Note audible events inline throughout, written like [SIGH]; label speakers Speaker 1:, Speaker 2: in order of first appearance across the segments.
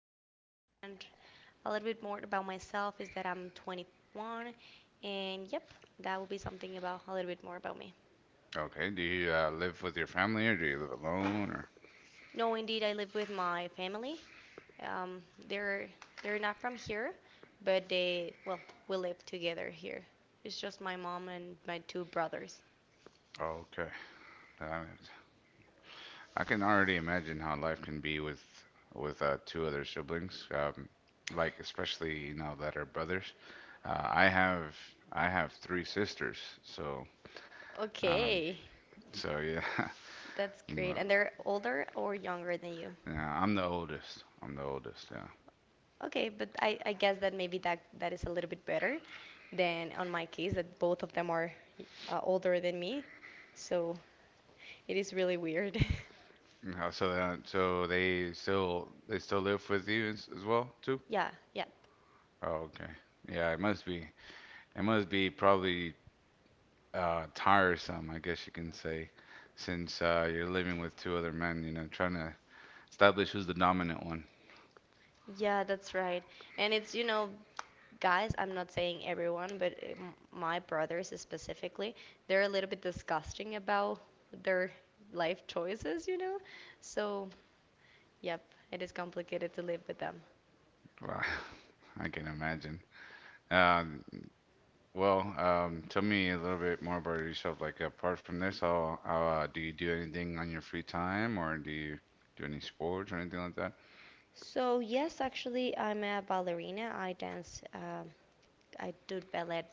Speaker 1: hometown, and a little bit more about myself is that I'm 21, and yep, that will be something about a little bit more about me.
Speaker 2: Okay. Do you live with your family, or do you live alone, or?
Speaker 1: No, indeed, I live with my family. Um, they're they're not from here, but they well, we live together here. It's just my mom and my two brothers.
Speaker 2: Okay. Uh, I can already imagine how life can be with two other siblings, like especially that are brothers. Uh, I have I have three sisters, so um,
Speaker 1: Okay.
Speaker 2: so yeah, [LAUGHS]
Speaker 1: That's
Speaker 2: I'm,
Speaker 1: great.
Speaker 2: uh,
Speaker 1: And they're older or younger than you?
Speaker 2: yeah, I'm the oldest. I'm the oldest. Yeah.
Speaker 1: Okay, but I guess that maybe that is a little bit better than on my case, that both of them are older than me. So it is really weird. [LAUGHS]
Speaker 2: No, so so they still live with you as well too?
Speaker 1: Yeah, yeah.
Speaker 2: Oh, okay. Yeah, it must be probably tiresome, I guess you can say, since you're living with two other men, you know, trying to establish who's the dominant one.
Speaker 1: Yeah, that's right. And it's, you know, guys, I'm not saying everyone, but my brothers specifically, they're a little bit disgusting about their life choices, you know? So, yep, it is complicated to live with them.
Speaker 2: Wow, [LAUGHS] I can imagine. Um, well, tell me a little bit more about yourself. Like apart from this, how do you do anything on your free time, or do you do any sports or anything like that?
Speaker 1: So yes, actually, I'm a ballerina. I dance. I do ballet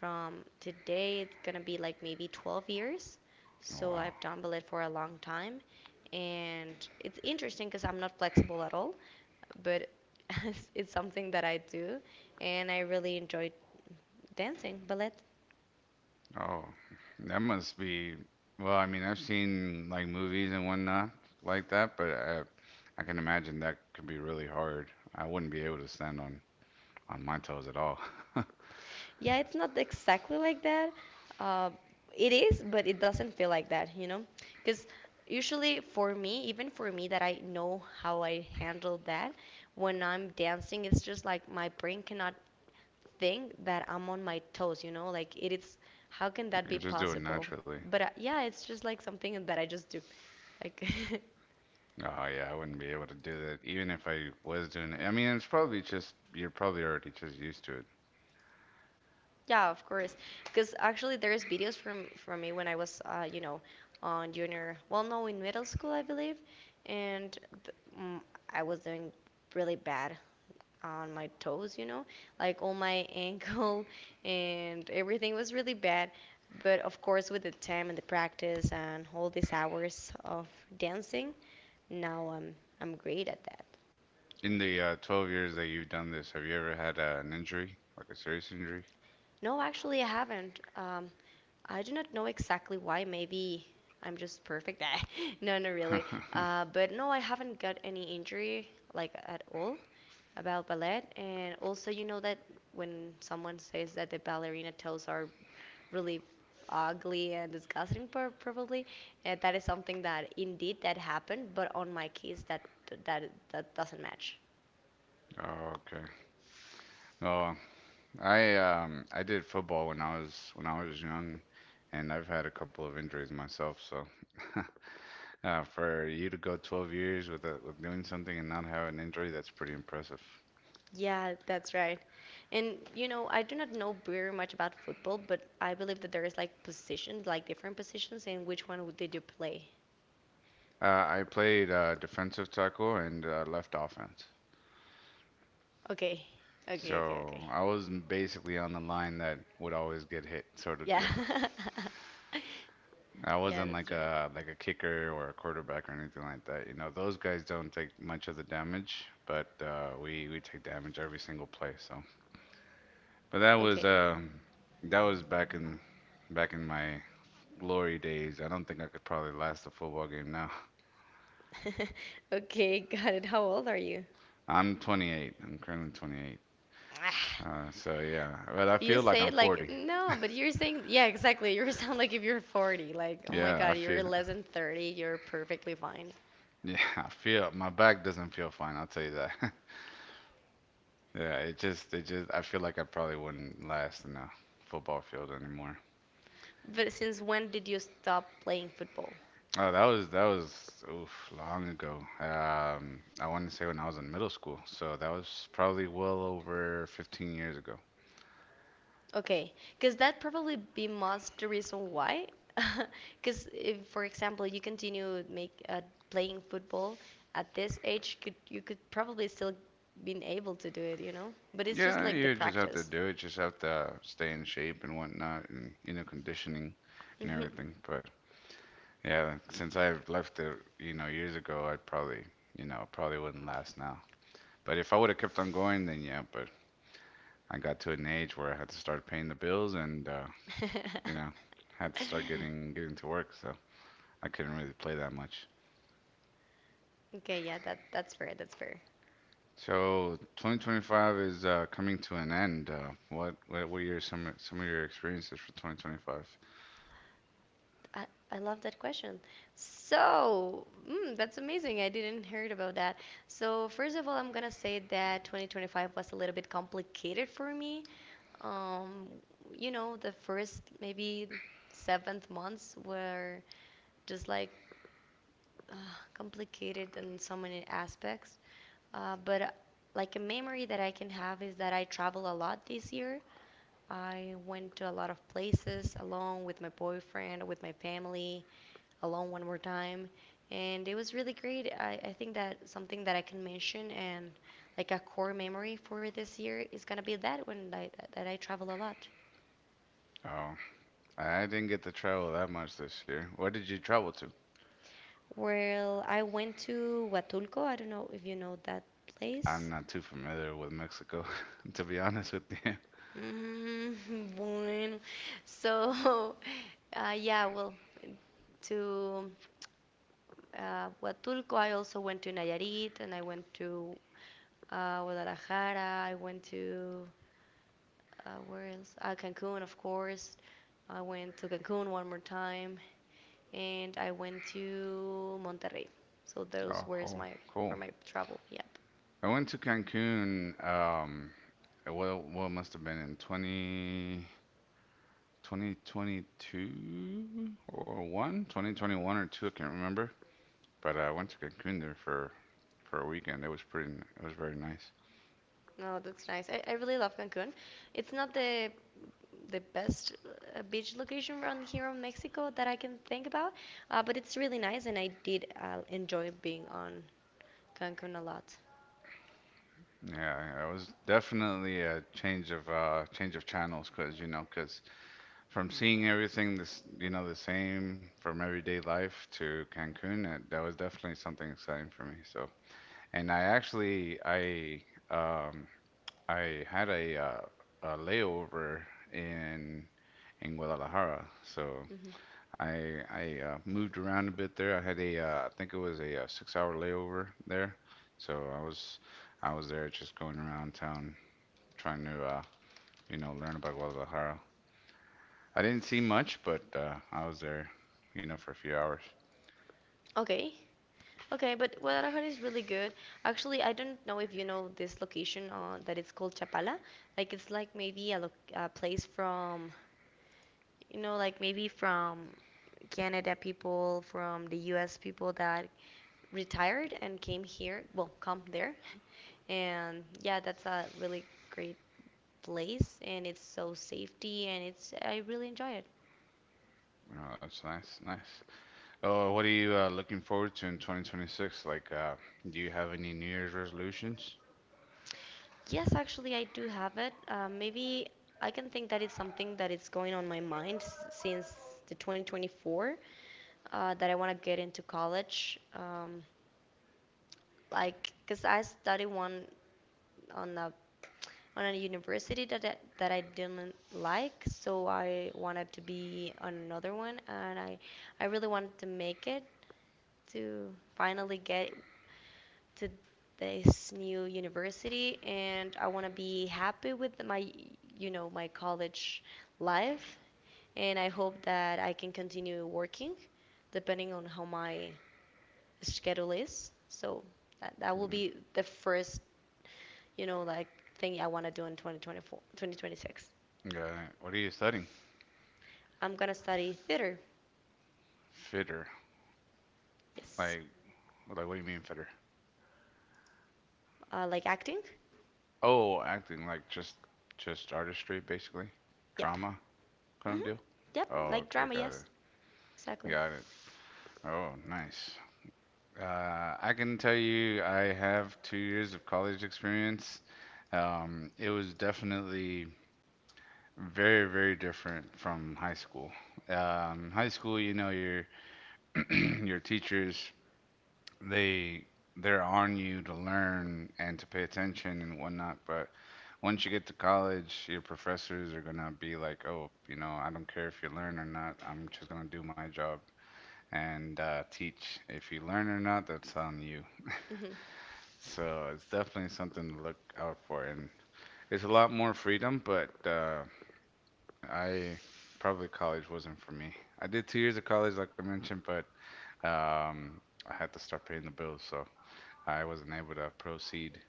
Speaker 1: from today. It's gonna be like maybe 12 years.
Speaker 2: Oh,
Speaker 1: So
Speaker 2: wow.
Speaker 1: I've done ballet for a long time, and it's interesting because I'm not flexible at all. But [LAUGHS] it's something that I do, and I really enjoy dancing ballet.
Speaker 2: Oh, that must be. Well, I mean, I've seen like movies and whatnot like that, but I can imagine that could be really hard. I wouldn't be able to stand on my toes at all. [LAUGHS] I
Speaker 1: Yeah, it's not exactly like that. Uh, it is, but it doesn't feel like that, you know? Because usually for me, even for me, that I know how I handle that, when I'm dancing, it's just like my brain cannot think that I'm on my toes, you know? Like, it is, how can that
Speaker 2: could
Speaker 1: be
Speaker 2: just do it
Speaker 1: possible?
Speaker 2: naturally.
Speaker 1: But yeah, it's just like something that I just do. Like, [LAUGHS]
Speaker 2: Oh yeah, I wouldn't be able to do that even if I was doing it. I mean, it's probably just you're probably already just used to it.
Speaker 1: Yeah, of course. Because actually, there's videos from me when I was, you know, on junior. Well, no, in middle school, I believe, and I was doing really bad on my toes. You know, like all my [LAUGHS] ankle and everything was really bad. But of course, with the time and the practice and all these hours of dancing, now I'm great at that.
Speaker 2: In the 12 years that you've done this, have you ever had an injury, like a serious injury?
Speaker 1: No, actually, I haven't. I do not know exactly why. Maybe I'm just perfect. [LAUGHS] No, no, not really.
Speaker 2: [LAUGHS]
Speaker 1: But no, I haven't got any injury like at all about ballet. And also, you know that when someone says that the ballerina toes are really ugly and disgusting, probably, and that is something that indeed that happened. But on my case, that that doesn't match.
Speaker 2: Oh, okay. No, I did football when I was young, and I've had a couple of injuries myself. So [LAUGHS] for you to go 12 years with doing something and not have an injury, that's pretty impressive.
Speaker 1: Yeah, that's right. And you know, I do not know very much about football, but I believe that there is like positions, like different positions, and which one did you play?
Speaker 2: I played defensive tackle and left offense.
Speaker 1: Okay, okay, okay,
Speaker 2: So
Speaker 1: okay.
Speaker 2: I was basically on the line that would always get hit, sort of
Speaker 1: Yeah,
Speaker 2: deal.
Speaker 1: [LAUGHS]
Speaker 2: [LAUGHS] I
Speaker 1: yeah,
Speaker 2: wasn't
Speaker 1: that's right.
Speaker 2: like a kicker or a quarterback or anything like that. You know, those guys don't take much of the damage, but we take damage every single play. So but
Speaker 1: Okay,
Speaker 2: that was back in my glory days. I don't think I could probably last a football game now.
Speaker 1: [LAUGHS] okay, got it. How old are you? [SIGHS]
Speaker 2: [LAUGHS] I'm 28. I'm currently 28.
Speaker 1: Ah,
Speaker 2: So yeah, but I
Speaker 1: you
Speaker 2: feel like
Speaker 1: say
Speaker 2: I'm
Speaker 1: it like
Speaker 2: 40.
Speaker 1: no, but you're saying yeah, exactly. You sound like if you're 40, like oh my
Speaker 2: Yeah, I
Speaker 1: God,
Speaker 2: feel.
Speaker 1: you're less than 30, you're perfectly fine.
Speaker 2: Yeah, [LAUGHS] I feel my back doesn't feel fine. I'll tell you that. [LAUGHS] Yeah, it just I feel like I probably wouldn't last in a football field anymore.
Speaker 1: But since when did you stop playing football?
Speaker 2: Oh, that was oof long ago. I want to say when I was in middle school, so that was probably well over 15 years ago.
Speaker 1: Okay, because that probably be most the reason why. [LAUGHS] Because if, for example, you continue make playing football at this age, could you could probably still been able to do it, you know? But it's just
Speaker 2: Yeah,
Speaker 1: like the
Speaker 2: you just have to
Speaker 1: practice.
Speaker 2: do it. Just have to stay in shape and whatnot, and you know, conditioning and
Speaker 1: Hmm. [LAUGHS]
Speaker 2: everything. But yeah, since I've left it, you know, years ago, I probably, you know, probably wouldn't last now. But if I would have kept on going, then yeah. But I got to an age where I had to start paying the bills, and you know, had to start getting to work, so I couldn't really play that much.
Speaker 1: Okay, yeah, that that's fair.
Speaker 2: So 2025 is coming to an end. What were your some of your experiences for 2025?
Speaker 1: I, I love that question. So, mm, that's amazing. I didn't heard about that. So, first of all, I'm gonna say that 2025 was a little bit complicated for me, um, you know, the first maybe seventh months were just like uh, complicated in so many aspects. But like a memory that I can have is that I travel a lot this year. I went to a lot of places alone with my boyfriend, with my family, alone one more time. And it was really great. I think that something that I can mention and like a core memory for this year is gonna be that one like, that I travel a lot.
Speaker 2: I didn't get to travel that much this year. Where did you travel to?
Speaker 1: Well, I went to Huatulco. I don't know if you know that
Speaker 2: I'm
Speaker 1: place.
Speaker 2: not too familiar with Mexico, [LAUGHS] to be honest with you.
Speaker 1: Mm, [LAUGHS] bueno. So, [LAUGHS] yeah, well, to Huatulco, I also went to Nayarit and I went to Guadalajara. I went to, where else? Cancun, of course. I went to Cancun one more time and I went to Monterrey. So
Speaker 2: Oh, cool,
Speaker 1: were
Speaker 2: cool.
Speaker 1: my travel, yeah.
Speaker 2: I went to Cancun, well, what must have been in 2022 or 1, 2021 or 2, I can't remember. But I went to Cancun there for a weekend. It was it was very nice.
Speaker 1: No, that's nice. I really love Cancun. It's not the best beach location around here in Mexico that I can think about, but it's really nice, and I did enjoy being on Cancun a lot.
Speaker 2: Yeah, it was definitely a change of channels, cause you know, 'cause from seeing everything this, you know, the same from everyday life to Cancun, that was definitely something exciting for me. So, and I actually um I had a layover in in Guadalajara. So,
Speaker 1: Hmm.
Speaker 2: I moved around a bit there. I had a I think it was a 6-hour layover there. So, I was there just going around town trying to you know, learn about Guadalajara. I didn't see much, but I was there, you know, for a few hours.
Speaker 1: Okay, okay, but Guadalajara is really good. Actually, I don't know if you know this location that it's called Chapala. Like it's like maybe a place from, you know, like maybe from Canada people, from the U.S. people that retired and came here. Well, come there, [LAUGHS] and yeah, that's a really great place, and it's so safety, and it's I really enjoy it.
Speaker 2: Oh, that's nice, nice. Oh, what are you looking forward to in 2026? Like, do you have any New Year's resolutions?
Speaker 1: Yes, actually, I do have it. Maybe I can think that it's something that is going on my mind since the 2024, that I want to get into college. Like because I studied one on a on a university that that I didn't like, so I wanted to be on another one, and I really wanted to make it, to finally get to this new university and I want to be happy with my, you know, my college life and I hope that I can continue working depending on how my schedule is, so that will
Speaker 2: Mm,
Speaker 1: be the first, you know, like thing I want to do in 2024 2026.
Speaker 2: yeah. What are you studying?
Speaker 1: I'm gonna study theater.
Speaker 2: Fitter.
Speaker 1: Yes,
Speaker 2: Like, like, what do you mean fitter?
Speaker 1: like acting.
Speaker 2: Oh, acting. Just artistry, basically.
Speaker 1: Yep.
Speaker 2: Drama kind of
Speaker 1: Hmm.
Speaker 2: deal.
Speaker 1: Yep,
Speaker 2: Oh,
Speaker 1: like
Speaker 2: okay,
Speaker 1: drama,
Speaker 2: got
Speaker 1: yes.
Speaker 2: it,
Speaker 1: Exactly.
Speaker 2: got it. Oh, nice. I can tell you, I have 2 years of college experience. It was definitely very, very different from high school. High school, you know, your [CLEARS THROAT] your teachers, they they're on you to learn and to pay attention and whatnot. But once you get to college, your professors are gonna be like, oh, you know, I don't care if you learn or not. I'm just gonna do my job and teach. If you learn or not, that's on you.
Speaker 1: Hmm.
Speaker 2: So it's definitely something to look out for, and it's a lot more freedom. But I probably college wasn't for me. I did 2 years of college, like I mentioned, but um, I had to start paying the bills, so I wasn't able to proceed.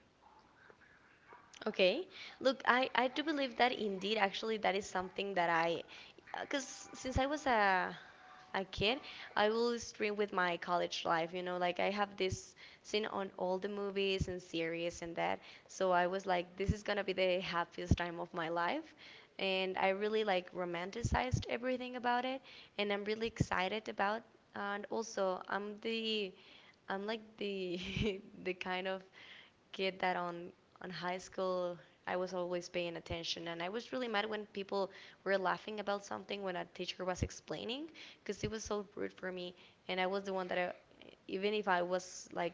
Speaker 1: Okay. Look, I do believe that indeed, actually, that is something that I, because since I was a kid, I will stream with my college life, you know, like I have this seen on all the movies and series and that. So I was like, this is gonna be the happiest time of my life. And I really like romanticized everything about it. And I'm really excited about, and also I'm like the, [LAUGHS] the kind of kid that on high school I was always paying attention and I was really mad when people were laughing about something when a teacher was explaining because it was so rude for me and I was the one that even if I was like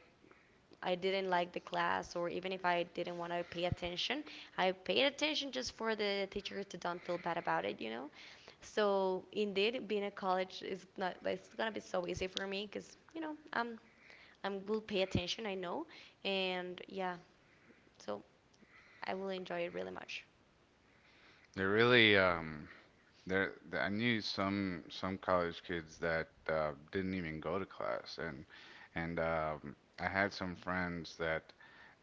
Speaker 1: I didn't like the class or even if I didn't want to pay attention, I paid attention just for the teacher to don't feel bad about it, you know? So indeed, being a college is not. It's gonna be so easy for me because you know I'm will pay attention. I know, and yeah. So I will enjoy it really much.
Speaker 2: They're really There, th- I knew some college kids that didn't even go to class, and I had some friends that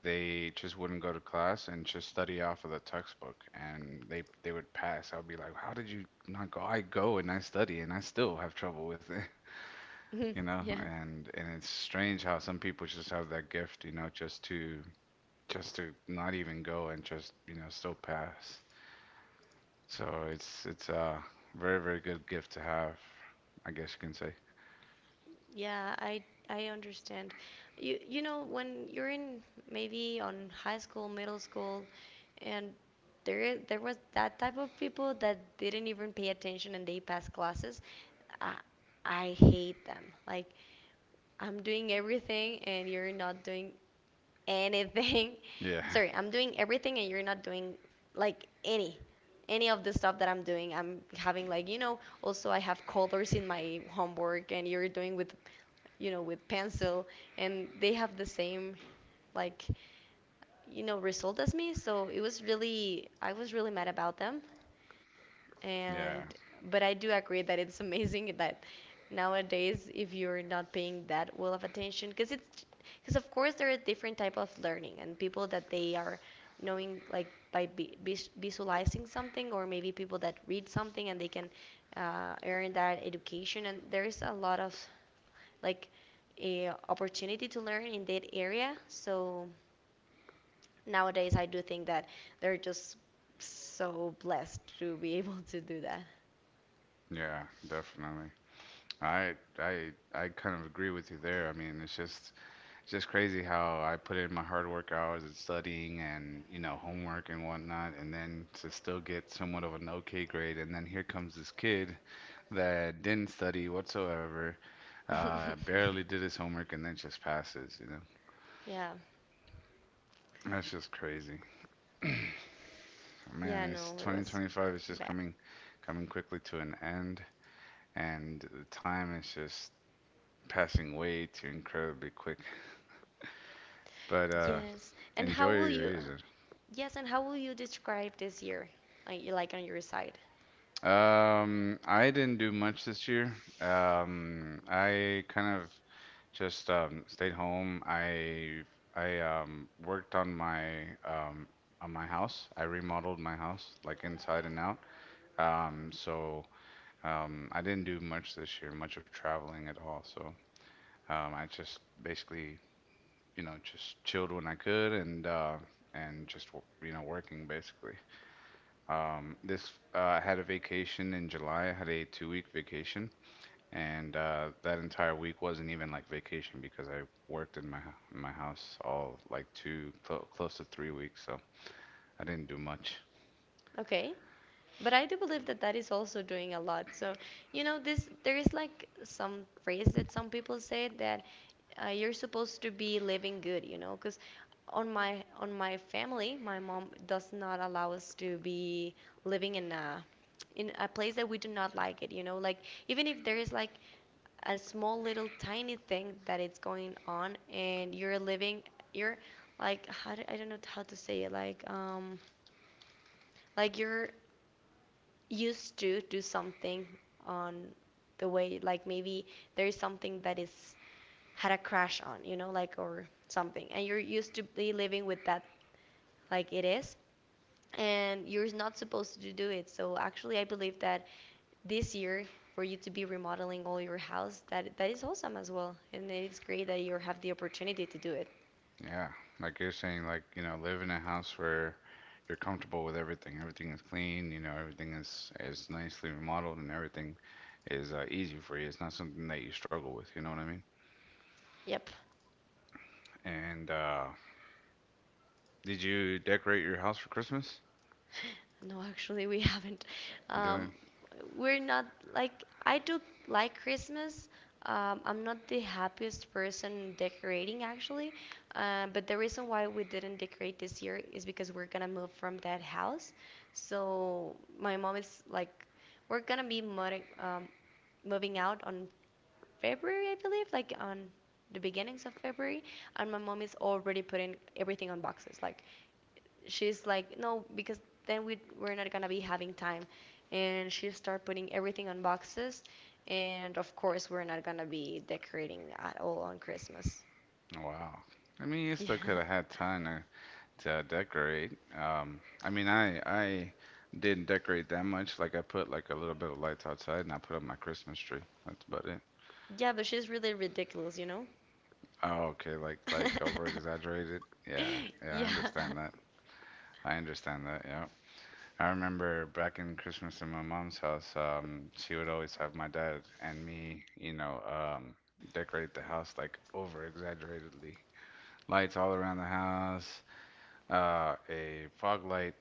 Speaker 2: they just wouldn't go to class and just study off of the textbook, and they would pass. I'd be like, "How did you not go? I go and I study, and I still have trouble with it," [LAUGHS]
Speaker 1: [LAUGHS]
Speaker 2: you know.
Speaker 1: Yeah.
Speaker 2: And it's strange how some people just have that gift, you know, just to not even go and just you know still pass. So it's a very good gift to have, I guess you can say.
Speaker 1: Yeah, I understand. You know when you're in maybe on high school, middle school, and there was that type of people that didn't even pay attention and they passed classes. I I hate them. Like I'm doing everything and you're not doing anything.
Speaker 2: Yeah,
Speaker 1: [LAUGHS] Sorry, I'm doing everything and you're not doing like any of the stuff that I'm doing. I'm having like, you know, also I have colors in my homework and you're doing with, you know, with pencil and they have the same like, you know, result as me. So it was really I was really mad about them
Speaker 2: [LAUGHS]
Speaker 1: and
Speaker 2: yeah,
Speaker 1: but I do agree that it's amazing that nowadays if you're not paying that well of attention because it's because of course there are different type of learning and people that they are knowing like by visualizing something or maybe people that read something and they can earn that education and there is a lot of like a opportunity to learn in that area so nowadays I do think that they're just so blessed to be [LAUGHS] able to do that.
Speaker 2: yeah, definitely. I kind of agree with you there. I mean, it's just crazy how I put in my hard work hours and studying and you know homework and whatnot, and then to still get somewhat of an okay grade, and then here comes this kid that didn't study whatsoever,
Speaker 1: [LAUGHS]
Speaker 2: barely did his homework, and then just passes. You know,
Speaker 1: Yeah,
Speaker 2: that's just crazy. [CLEARS THROAT] Man,
Speaker 1: yeah,
Speaker 2: it's
Speaker 1: no, it was
Speaker 2: 2025 is just
Speaker 1: bad.
Speaker 2: coming quickly to an end, and the time is just passing way too incredibly quick. But
Speaker 1: Yes, and how
Speaker 2: enjoy
Speaker 1: will
Speaker 2: your
Speaker 1: you?
Speaker 2: year.
Speaker 1: Yes, and how will you describe this year, like on your side?
Speaker 2: I didn't do much this year. I kind of just stayed home. I worked on my house. I remodeled my house like inside and out. Um, so I didn't do much this year, much of traveling at all. So I just basically, you know, just chilled when I could and just you know working basically. This I had a vacation in July. I had a 2-week vacation, and that entire week wasn't even like vacation because I worked in in my house all like two clo close to 3 weeks. So I didn't do much.
Speaker 1: Okay. But I do believe that that is also doing a lot. So, you know, this there is like some phrase that some people say that you're supposed to be living good, you know, because on my family, my mom does not allow us to be living in a place that we do not like it, you know, like even if there is like a small little tiny thing that it's going on and you're living you're like how do, I don't know how to say it like, like you're used to do something on the way like maybe there's something that is had a crash on you know like or something and you're used to be living with that like it is and you're not supposed to do it. So actually I believe that this year for you to be remodeling all your house, that that is awesome as well, and it's great that you have the opportunity to do it.
Speaker 2: Yeah, like you're saying, like, you know, live in a house where you're comfortable with everything. Everything is clean, you know, everything is nicely remodeled and everything is easy for you. It's not something that you struggle with, you know what I mean?
Speaker 1: Yep.
Speaker 2: And did you decorate your house for Christmas?
Speaker 1: No, actually, we [LAUGHS] haven't. Um,
Speaker 2: Doing?
Speaker 1: we're not like I do like Christmas. I'm not the happiest person decorating actually, but the reason why we didn't decorate this year is because we're gonna move from that house. So my mom is like, we're gonna be moving, moving out on February, I believe, like on the beginnings of February, and my mom is already putting everything on boxes. Like she's like, no, because then we're not gonna be having time, and she start putting everything on boxes, and of course we're not gonna be decorating at all on Christmas.
Speaker 2: Wow. I mean, you still could
Speaker 1: Yeah,
Speaker 2: have had time to decorate. I mean, I didn't decorate that much. Like I put like a little bit of lights outside and I put up my Christmas tree. That's about it.
Speaker 1: [LAUGHS] yeah, but she's really ridiculous, you know.
Speaker 2: Oh, okay, like over exaggerated. Yeah,
Speaker 1: [LAUGHS]
Speaker 2: yeah, I
Speaker 1: Yeah.
Speaker 2: understand that. I understand that. Yeah, I remember back in Christmas in my mom's house, she would always have my dad and me, you know, decorate the house like over exaggeratedly. Lights all around the house, a fog light,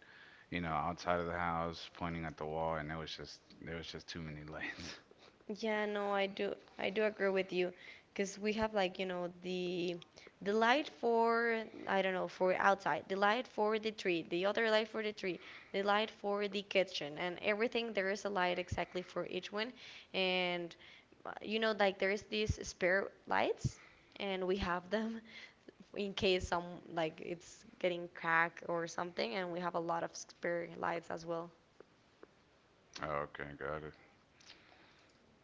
Speaker 2: you know, outside of the house, pointing at the wall, and it was just there was just too many lights. [LAUGHS]
Speaker 1: Yeah, no, I do agree with you because we have like, you know, the light for I don't know, for outside, the light for the tree, the other light for the tree, the light for the kitchen, and everything there is a light exactly for each one, and you know like there's these spare lights and we have them [LAUGHS] in case some like it's getting cracked or something, and we have a lot of spare lights as well.
Speaker 2: Oh, okay, got it.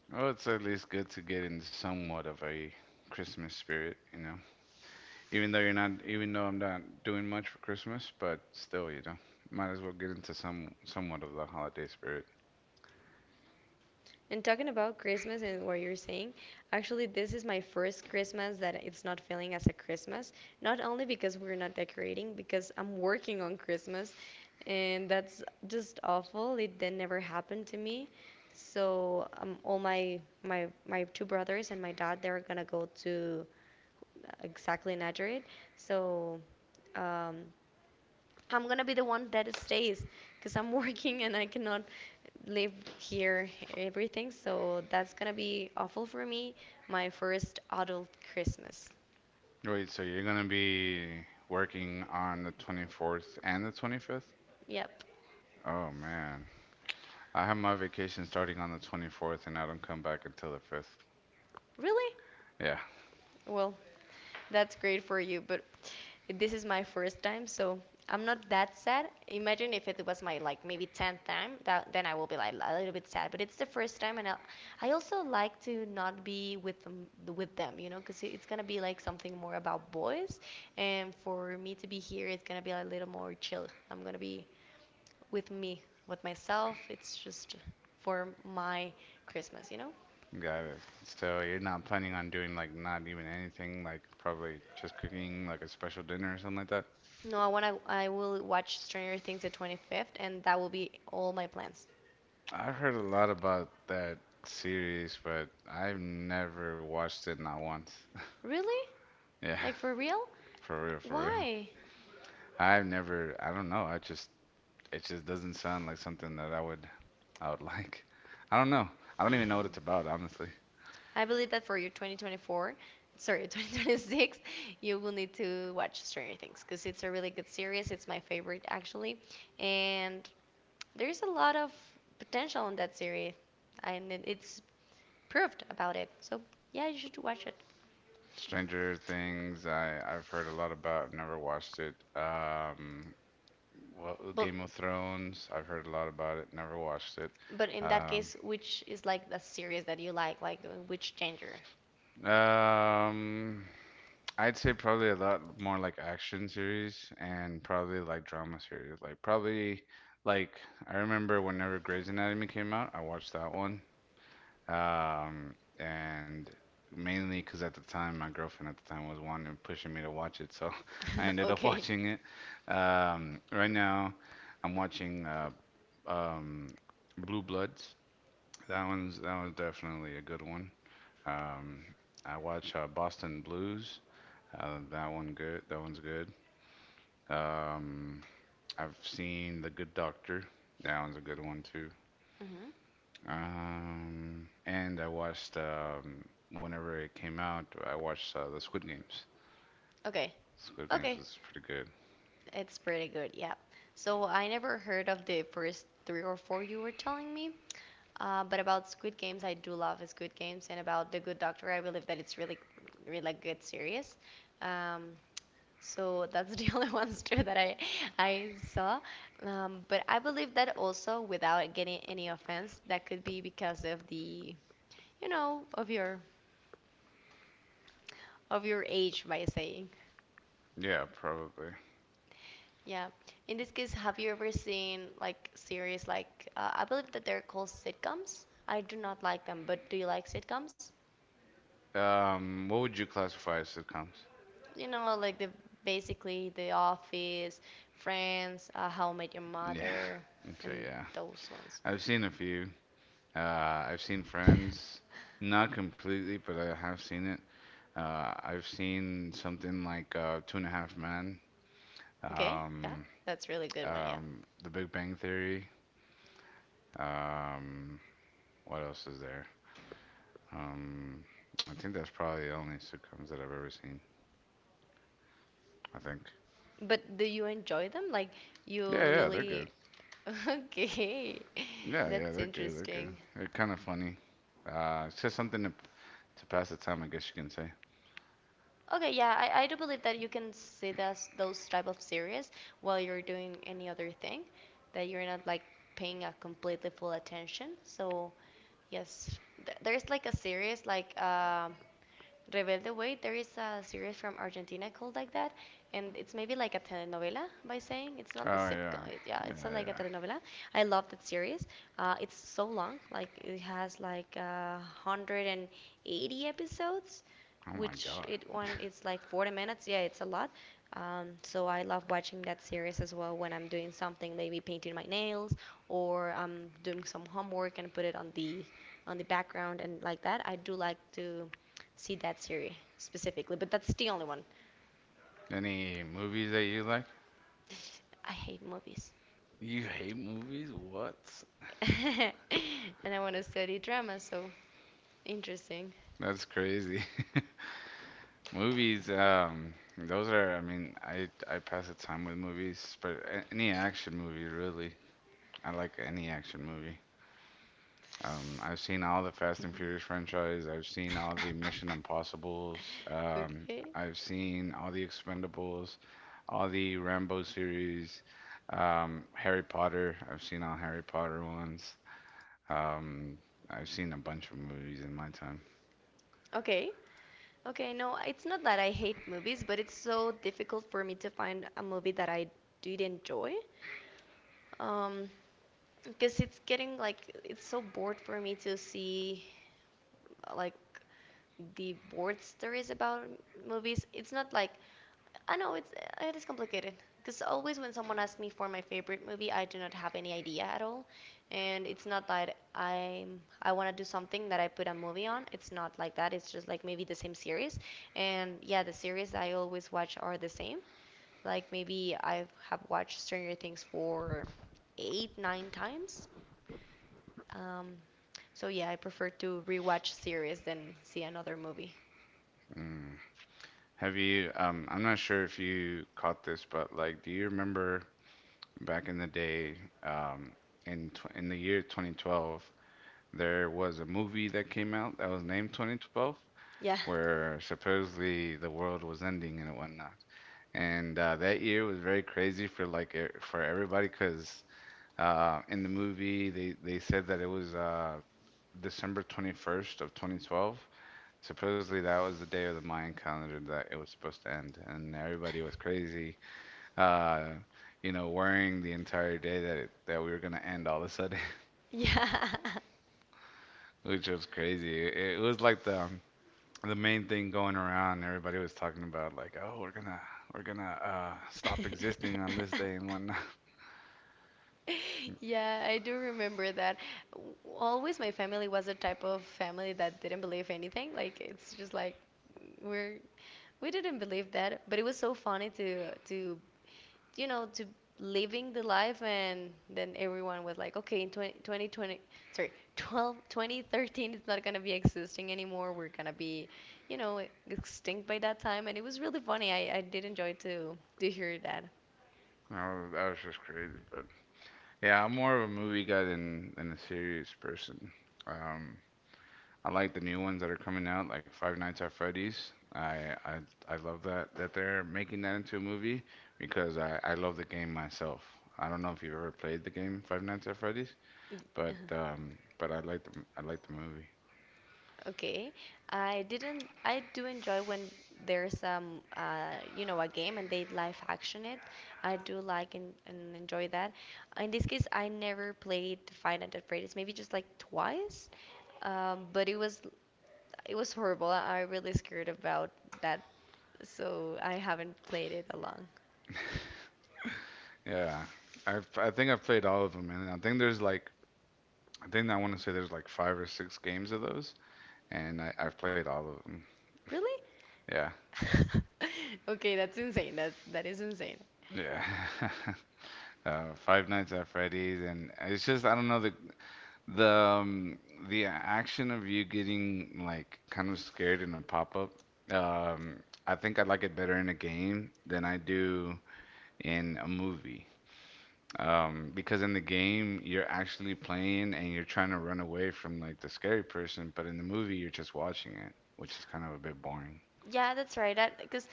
Speaker 2: Well, it's at least good to get in somewhat of a Christmas spirit, you know. Even though you're not, even though I'm not doing much for Christmas, but still, you know, might as well get into somewhat of the holiday spirit.
Speaker 1: And talking about Christmas and what you're saying, actually, this is my first Christmas that it's not feeling as a Christmas. Not only because we're not decorating, because I'm working on Christmas, and that's just awful. It that never happened to me. So all my two brothers and my dad, they're gonna go to exactly Najarit. So um, I'm gonna be the one that stays because I'm [LAUGHS] working and I cannot live here everything. So that's gonna be awful for me. My first adult Christmas.
Speaker 2: Wait, so you're gonna be working on the 24th and the 25th?
Speaker 1: Yep.
Speaker 2: Oh man, I have my vacation starting on the 24th, and I don't come back until the 5th.
Speaker 1: Really?
Speaker 2: Yeah,
Speaker 1: Well, that's great for you, but this is my first time, so I'm not that sad. Imagine if it was my like maybe 10th time, that then I will be like a little bit sad, but it's the first time and I also like to not be with them, you know, because it's gonna be like something more about boys, and for me to be here, it's gonna be a little more chill. I'm gonna be with me, with myself. It's just for my Christmas, you know?
Speaker 2: got it. So you're not planning on doing like not even anything, like probably just cooking like a special dinner or something like that?
Speaker 1: No, I wanna. I will watch Stranger Things the 25th, and that will be all my plans.
Speaker 2: I've heard a lot about that series, but I've never watched it not once. [LAUGHS]
Speaker 1: Really?
Speaker 2: Yeah,
Speaker 1: Like for real?
Speaker 2: for real, for real.
Speaker 1: Why?
Speaker 2: I've never, I don't know, I just it just doesn't sound like something that I would [LAUGHS] like. I don't know. I don't even know what
Speaker 1: Hmm.
Speaker 2: it's about, honestly.
Speaker 1: I believe that for your 2024, sorry, [LAUGHS] 2026, you will need to watch Stranger Things because it's a really good series. It's my favorite actually, and there's a lot of potential in that series, and it's proved about it. So yeah, you should watch it.
Speaker 2: Stranger Things, I've heard a lot about, never watched it. Well,
Speaker 1: But
Speaker 2: Game of Thrones, I've heard a lot about it, never watched it.
Speaker 1: But in that
Speaker 2: Um,
Speaker 1: case, which is like the series that you like which genre?
Speaker 2: um, I'd say probably a lot more like action series and probably like drama series. Like I remember whenever Grey's Anatomy came out, I watched that one. And mainly because at the time my girlfriend at the time was wanting and pushing me to watch it, so [LAUGHS] I
Speaker 1: [LAUGHS]
Speaker 2: ended up [LAUGHS]
Speaker 1: Okay.
Speaker 2: watching it. Right now I'm watching um, Blue Bloods. That one's definitely a good one. Um, I watch Boston Blues. That one good. That one's good. Um, I've seen The Good Doctor. That one's a good one too.
Speaker 1: Hmm.
Speaker 2: And I watched whenever it came out. I watched the Squid Games.
Speaker 1: Okay.
Speaker 2: Squid Games
Speaker 1: Okay.
Speaker 2: was pretty good.
Speaker 1: It's pretty good, yeah. So I never heard of the first three or four you were telling me. But about Squid Games, I do love Squid Games, and about The Good Doctor, I believe that it's really, really good series. Um, so that's the [LAUGHS] only ones too that I saw. But I believe that also, without getting any offense, that could be because of the, you know, of your age, by saying.
Speaker 2: Yeah, probably.
Speaker 1: Yeah. In this case, have you ever seen like series like I believe that they're called sitcoms? I do not like them, but do you like sitcoms?
Speaker 2: What would you classify as sitcoms?
Speaker 1: You know, like the basically The Office, Friends, How I Met Your
Speaker 2: Yeah. [LAUGHS]
Speaker 1: Mother,
Speaker 2: Okay.
Speaker 1: and
Speaker 2: Yeah.
Speaker 1: those ones.
Speaker 2: I've seen a few. Uh, I've seen
Speaker 1: [LAUGHS]
Speaker 2: Friends. Not completely, but I have seen it. I've seen something like Two and a Half Men.
Speaker 1: Okay, yeah,
Speaker 2: um,
Speaker 1: that's really good one. Yeah,
Speaker 2: The Big Bang Theory. Um, what else is there? Um, I think that's probably the only sitcoms that I've ever seen. I think.
Speaker 1: but do you enjoy them? Like
Speaker 2: Yeah,
Speaker 1: you
Speaker 2: yeah, they're
Speaker 1: really?
Speaker 2: good.
Speaker 1: [LAUGHS] Okay,
Speaker 2: Yeah, yeah,
Speaker 1: that's
Speaker 2: they're good. They're good.
Speaker 1: interesting.
Speaker 2: They're kind of funny. It's just something to pass the time, I guess you can say.
Speaker 1: Okay, yeah, I do believe that you can see those type of series while you're doing any other thing, that you're not like paying a completely full attention. So, yes, th there's like a series like Rebelde Way. There is a series from Argentina called like that, and it's maybe like a telenovela by saying it's not
Speaker 2: Oh
Speaker 1: the
Speaker 2: yeah,
Speaker 1: sitcom. It, yeah, it's a,
Speaker 2: yeah,
Speaker 1: like a
Speaker 2: yeah.
Speaker 1: telenovela. I love that series. It's so long, like it has like 180 episodes,
Speaker 2: Oh my
Speaker 1: which
Speaker 2: God.
Speaker 1: it one it's like 40 minutes. Yeah, it's a lot. So I love watching that series as well when I'm doing something, maybe painting my nails or I'm doing some homework and put it on the background and like that. I do like to see that series specifically, but that's the only one.
Speaker 2: Any movies that you like?
Speaker 1: I hate movies.
Speaker 2: You hate movies? What?
Speaker 1: [LAUGHS] And I want to study drama, so interesting.
Speaker 2: That's crazy. [LAUGHS] Movies, those are, I mean, I pass the time with movies, but any action movie really. I like any action movie. I've seen all the Fast and Furious franchise. I've seen all the Mission
Speaker 1: [LAUGHS]
Speaker 2: Impossibles.
Speaker 1: Okay.
Speaker 2: I've seen all the Expendables, all the Rambo series, Harry Potter. I've seen all Harry Potter ones. Um, I've seen a bunch of movies in my time.
Speaker 1: Okay. Okay, no, it's not that I hate movies, but it's so difficult for me to find a movie that I did enjoy um because it's getting like it's so bored for me to see like the board stories about movies. It's not like I know it's it is complicated because always when someone asks me for my favorite movie, I do not have any idea at all, and it's not that I want to do something that I put a movie on. It's not like that. It's just like maybe the same series, and yeah, the series I always watch are the same, like maybe I have watched Stranger Things for eight, nine times. Um, so yeah, I prefer to rewatch series than see another movie.
Speaker 2: Mm. Have you, I'm not sure if you caught this, but like, do you remember back in the day, um, in the year 2012, there was a movie that came out that was named 2012,
Speaker 1: Yeah.
Speaker 2: where supposedly the world was ending and whatnot. And that year was very crazy for like for everybody, 'cause in the movie they said that it was December 21st of 2012. Supposedly that was the day of the Mayan calendar that it was supposed to end, and everybody was crazy, uh, you know, worrying the entire day that it, that we were gonna end all of a sudden,
Speaker 1: Yeah.
Speaker 2: [LAUGHS] which was crazy. It was like the main thing going around. Everybody was talking about like, oh, we're gonna stop existing
Speaker 1: [LAUGHS]
Speaker 2: on this day and whatnot. [LAUGHS]
Speaker 1: Yeah, I do remember that. W- Always my family was a type of family that didn't believe anything. Like it's just like we're we didn't believe that, but it was so funny to you know, to living the life and then everyone was like, okay, in 2020, sorry, 2013 is not going to be existing anymore. We're going to be, you know, extinct by that time. And it was really funny. I did enjoy to hear that.
Speaker 2: That was just crazy. But yeah, I'm more of a movie guy than a serious person. Um, I like the new ones that are coming out, like Five Nights at Freddy's. I love that that they're making that into a movie because I love the game myself. I don't know if you've ever played the game Five Nights at Freddy's,
Speaker 1: [LAUGHS]
Speaker 2: but I like the movie.
Speaker 1: Okay. I didn't I do enjoy when there's you know a game and they live action it. I do like and enjoy that. In this case, I never played Five Nights at Freddy's, maybe just like twice. But it was horrible. I really scared about that, so I haven't played it along.
Speaker 2: Yeah, I've I think I've played all of them, and I think there's like I think I want to say there's like five or six games of those, and I've played all of them.
Speaker 1: Really?
Speaker 2: Yeah.
Speaker 1: [LAUGHS] Okay, that's insane. That that is insane.
Speaker 2: Yeah. [LAUGHS] Five Nights at Freddy's and it's just I don't know The um, the action of you getting like kind of scared in a pop up, um, I think I like it better in a game than I do in a movie. Because in the game you're actually playing and you're trying to run away from like the scary person, but in the movie you're just watching it, which is kind of a bit boring.
Speaker 1: Yeah, that's right. That because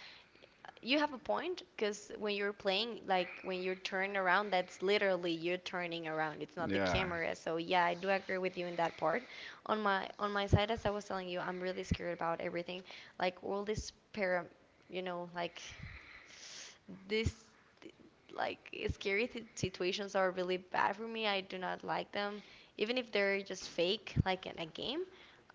Speaker 1: you have a point. Because when you're playing, like when you turn around, that's literally you turning around. It's not the
Speaker 2: Yeah.
Speaker 1: camera. So yeah, I do agree with you in that part. On my side, as I was telling you, I'm really scared about everything. Like all this para, you know, like this like situations are really bad for me. I do not like them, even if they're just fake, like in a game.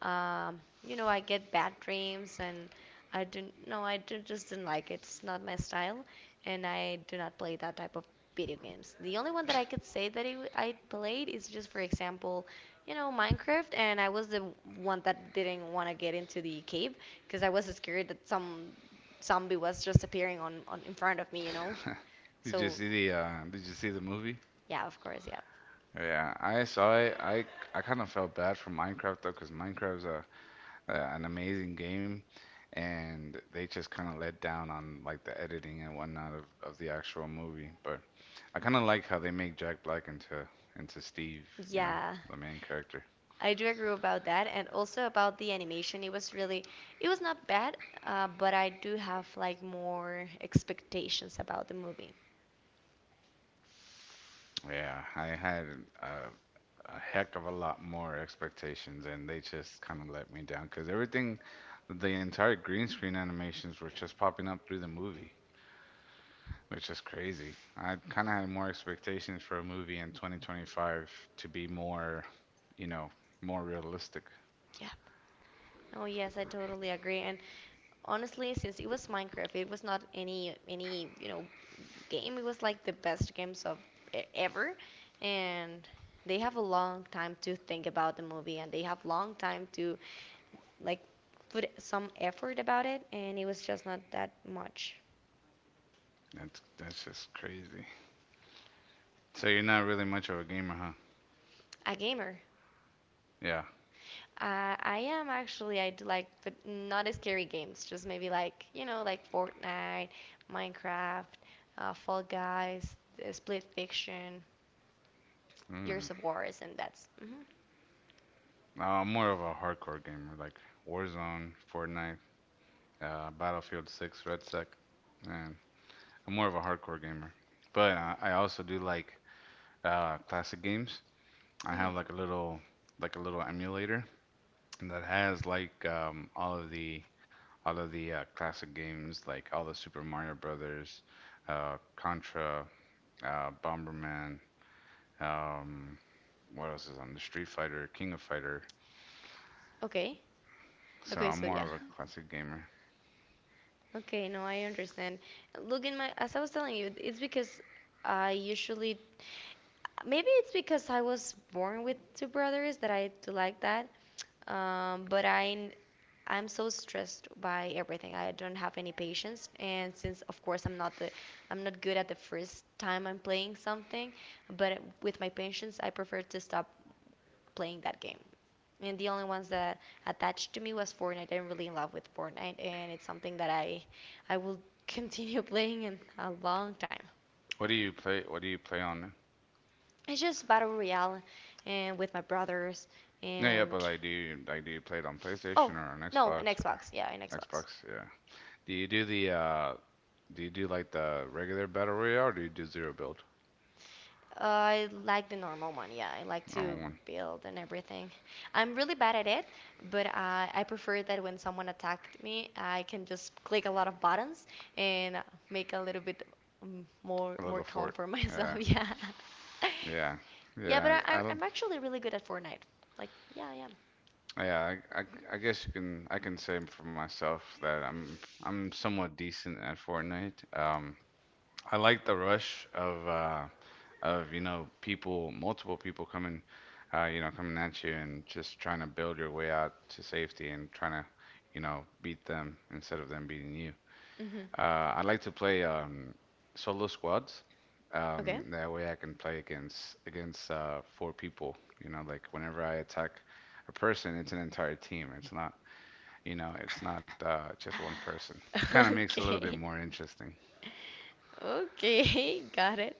Speaker 1: You know, I get bad dreams and I didn't. No, I did, just didn't like it. It's not my style, and I do not play that type of video games. The only one that I could say that it, I played is just, for example, you know, Minecraft, and I was the one that didn't want to get into the cave because I was scared that some zombie was just appearing on in front of me, you know.
Speaker 2: [LAUGHS] Did you
Speaker 1: So
Speaker 2: see the did you see the movie?
Speaker 1: yeah, of course, yeah,
Speaker 2: Yeah, I saw it. I kind of felt bad for Minecraft though, because Minecraft's a an amazing game, and they just kind of let down on like the editing and whatnot of the actual movie. But I kind of like how they make Jack Black into Steve, you know,
Speaker 1: yeah.
Speaker 2: the main character.
Speaker 1: I do agree about that, and also about the animation. It was really, it was not bad, but I do have like more expectations about the movie.
Speaker 2: Yeah, I had a, a heck of a lot more expectations, and they just kind of let me down because everything, the entire green screen animations were just popping up through the movie. Which is crazy. I kind of had more expectations for a movie in 2025 to be more, you know, more realistic.
Speaker 1: Yeah. Oh yes, I totally agree. And honestly, since it was Minecraft, it was not any you know game. It was like the best games of ever, and they have a long time to think about the movie, and they have long time to like put some effort about it, and it was just not that much.
Speaker 2: That's just crazy. So you're not really much of a gamer, huh?
Speaker 1: A gamer.
Speaker 2: Yeah.
Speaker 1: I am actually, I do like, but not as scary games. Just maybe like, you know, like Fortnite, Minecraft, Fall Guys, Split Fiction,
Speaker 2: Mm.
Speaker 1: Years of Wars, and that's. Hmm.
Speaker 2: No, I'm more of a hardcore gamer, like Warzone, Fortnite, Battlefield 6, Red Sec, and I'm more of a hardcore gamer. But I also do like classic games. I have
Speaker 1: Hmm.
Speaker 2: like a little emulator that has like all of the classic games, like all the Super Mario Brothers, Contra, Bomberman. Um, what else is on the Street Fighter, King of Fighter.
Speaker 1: Okay.
Speaker 2: So
Speaker 1: Okay,
Speaker 2: I'm
Speaker 1: so
Speaker 2: more of
Speaker 1: yeah.
Speaker 2: a classic gamer.
Speaker 1: Okay, no, I understand. Look in my, as I was telling you, it's because I usually, maybe it's because I was born with two brothers that I do like that. But I'm so stressed by everything. I don't have any patience, and since of course I'm not the, I'm not good at the first time I'm playing something, but with my patience, I prefer to stop playing that game, and the only ones that attached to me was Fortnite. I'm really in love with Fortnite, and it's something that I will [LAUGHS] continue playing in a long time.
Speaker 2: What do you play? What do you play on?
Speaker 1: It's just battle royale, and with my brothers,
Speaker 2: No, yeah,
Speaker 1: and
Speaker 2: but like do you play it on
Speaker 1: oh
Speaker 2: PlayStation or on
Speaker 1: no, an
Speaker 2: Xbox or
Speaker 1: Xbox. Yeah, an Xbox.
Speaker 2: Xbox? Yeah. Do you do the uh? Do you do like the regular battle royale or do you do zero build?
Speaker 1: I like the normal one. Yeah, I like
Speaker 2: Normal
Speaker 1: to
Speaker 2: one.
Speaker 1: build and everything. I'm really bad at it, but I prefer that when someone attacked me, I can just click a lot of buttons and make a little bit more
Speaker 2: A
Speaker 1: more
Speaker 2: little
Speaker 1: calm
Speaker 2: fort.
Speaker 1: for [LAUGHS] myself.
Speaker 2: Yeah.
Speaker 1: Yeah,
Speaker 2: Yeah,
Speaker 1: yeah. But
Speaker 2: yeah.
Speaker 1: I, I-
Speaker 2: I don't.
Speaker 1: I'm actually really good at Fortnite. Like, yeah, I am.
Speaker 2: Yeah, I guess you can. I can say for myself that I'm somewhat decent at Fortnite. I like the rush of you know people, multiple people coming, you know, coming at you and just trying to build your way out to safety and trying to you know beat them instead of them beating you.
Speaker 1: Hmm.
Speaker 2: I like to play solo squads.
Speaker 1: Okay.
Speaker 2: That way I can play against four people. You know, like whenever I attack a person, it's an entire team. It's not, you know, it's not just one person.
Speaker 1: [LAUGHS]
Speaker 2: Kind of makes it a little bit
Speaker 1: Okay.
Speaker 2: more interesting.
Speaker 1: Okay, [LAUGHS] got it.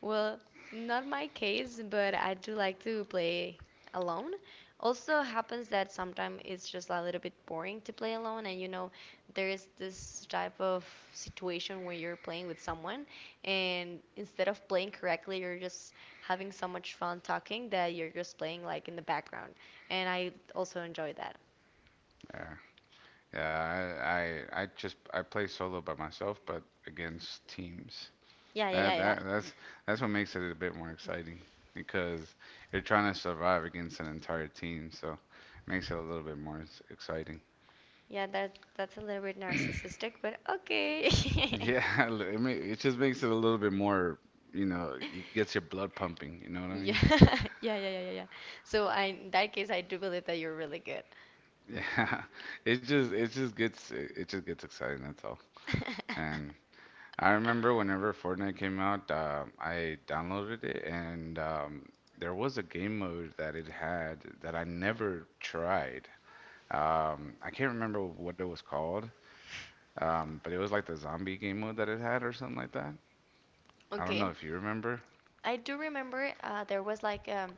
Speaker 1: Well, not my case, but I do like to play alone. Also happens that sometimes it's just a little bit boring to play alone, and you know, there is this type of situation where you're playing with someone, and instead of playing correctly, you're just having so much fun talking that you're just playing like in the background. And I also enjoy that.
Speaker 2: Yeah, yeah. I just I play solo by myself, but against teams.
Speaker 1: Yeah, yeah, yeah,
Speaker 2: That,
Speaker 1: yeah,
Speaker 2: that that's that's what makes it a bit more exciting because you're trying to survive against an entire team, so it makes it a little bit more exciting.
Speaker 1: yeah. That's a little bit
Speaker 2: [CLEARS THROAT]
Speaker 1: narcissistic, but okay.
Speaker 2: Yeah,
Speaker 1: [LAUGHS]
Speaker 2: [LAUGHS] it it just makes it a little bit more, you know, it gets your blood pumping, you know what I
Speaker 1: Yeah,
Speaker 2: mean?
Speaker 1: [LAUGHS] yeah, yeah, yeah, yeah, yeah. So I, in that case, I do believe that you're really good. [LAUGHS]
Speaker 2: Yeah. [LAUGHS] It just gets it just gets exciting, that's all. And I remember whenever Fortnite came out, I downloaded it and there was a game mode that it had that I never tried. I can't remember what it was called, but it was like the zombie game mode that it had or something like that. I don't know
Speaker 1: Okay,
Speaker 2: if you remember.
Speaker 1: I do remember there was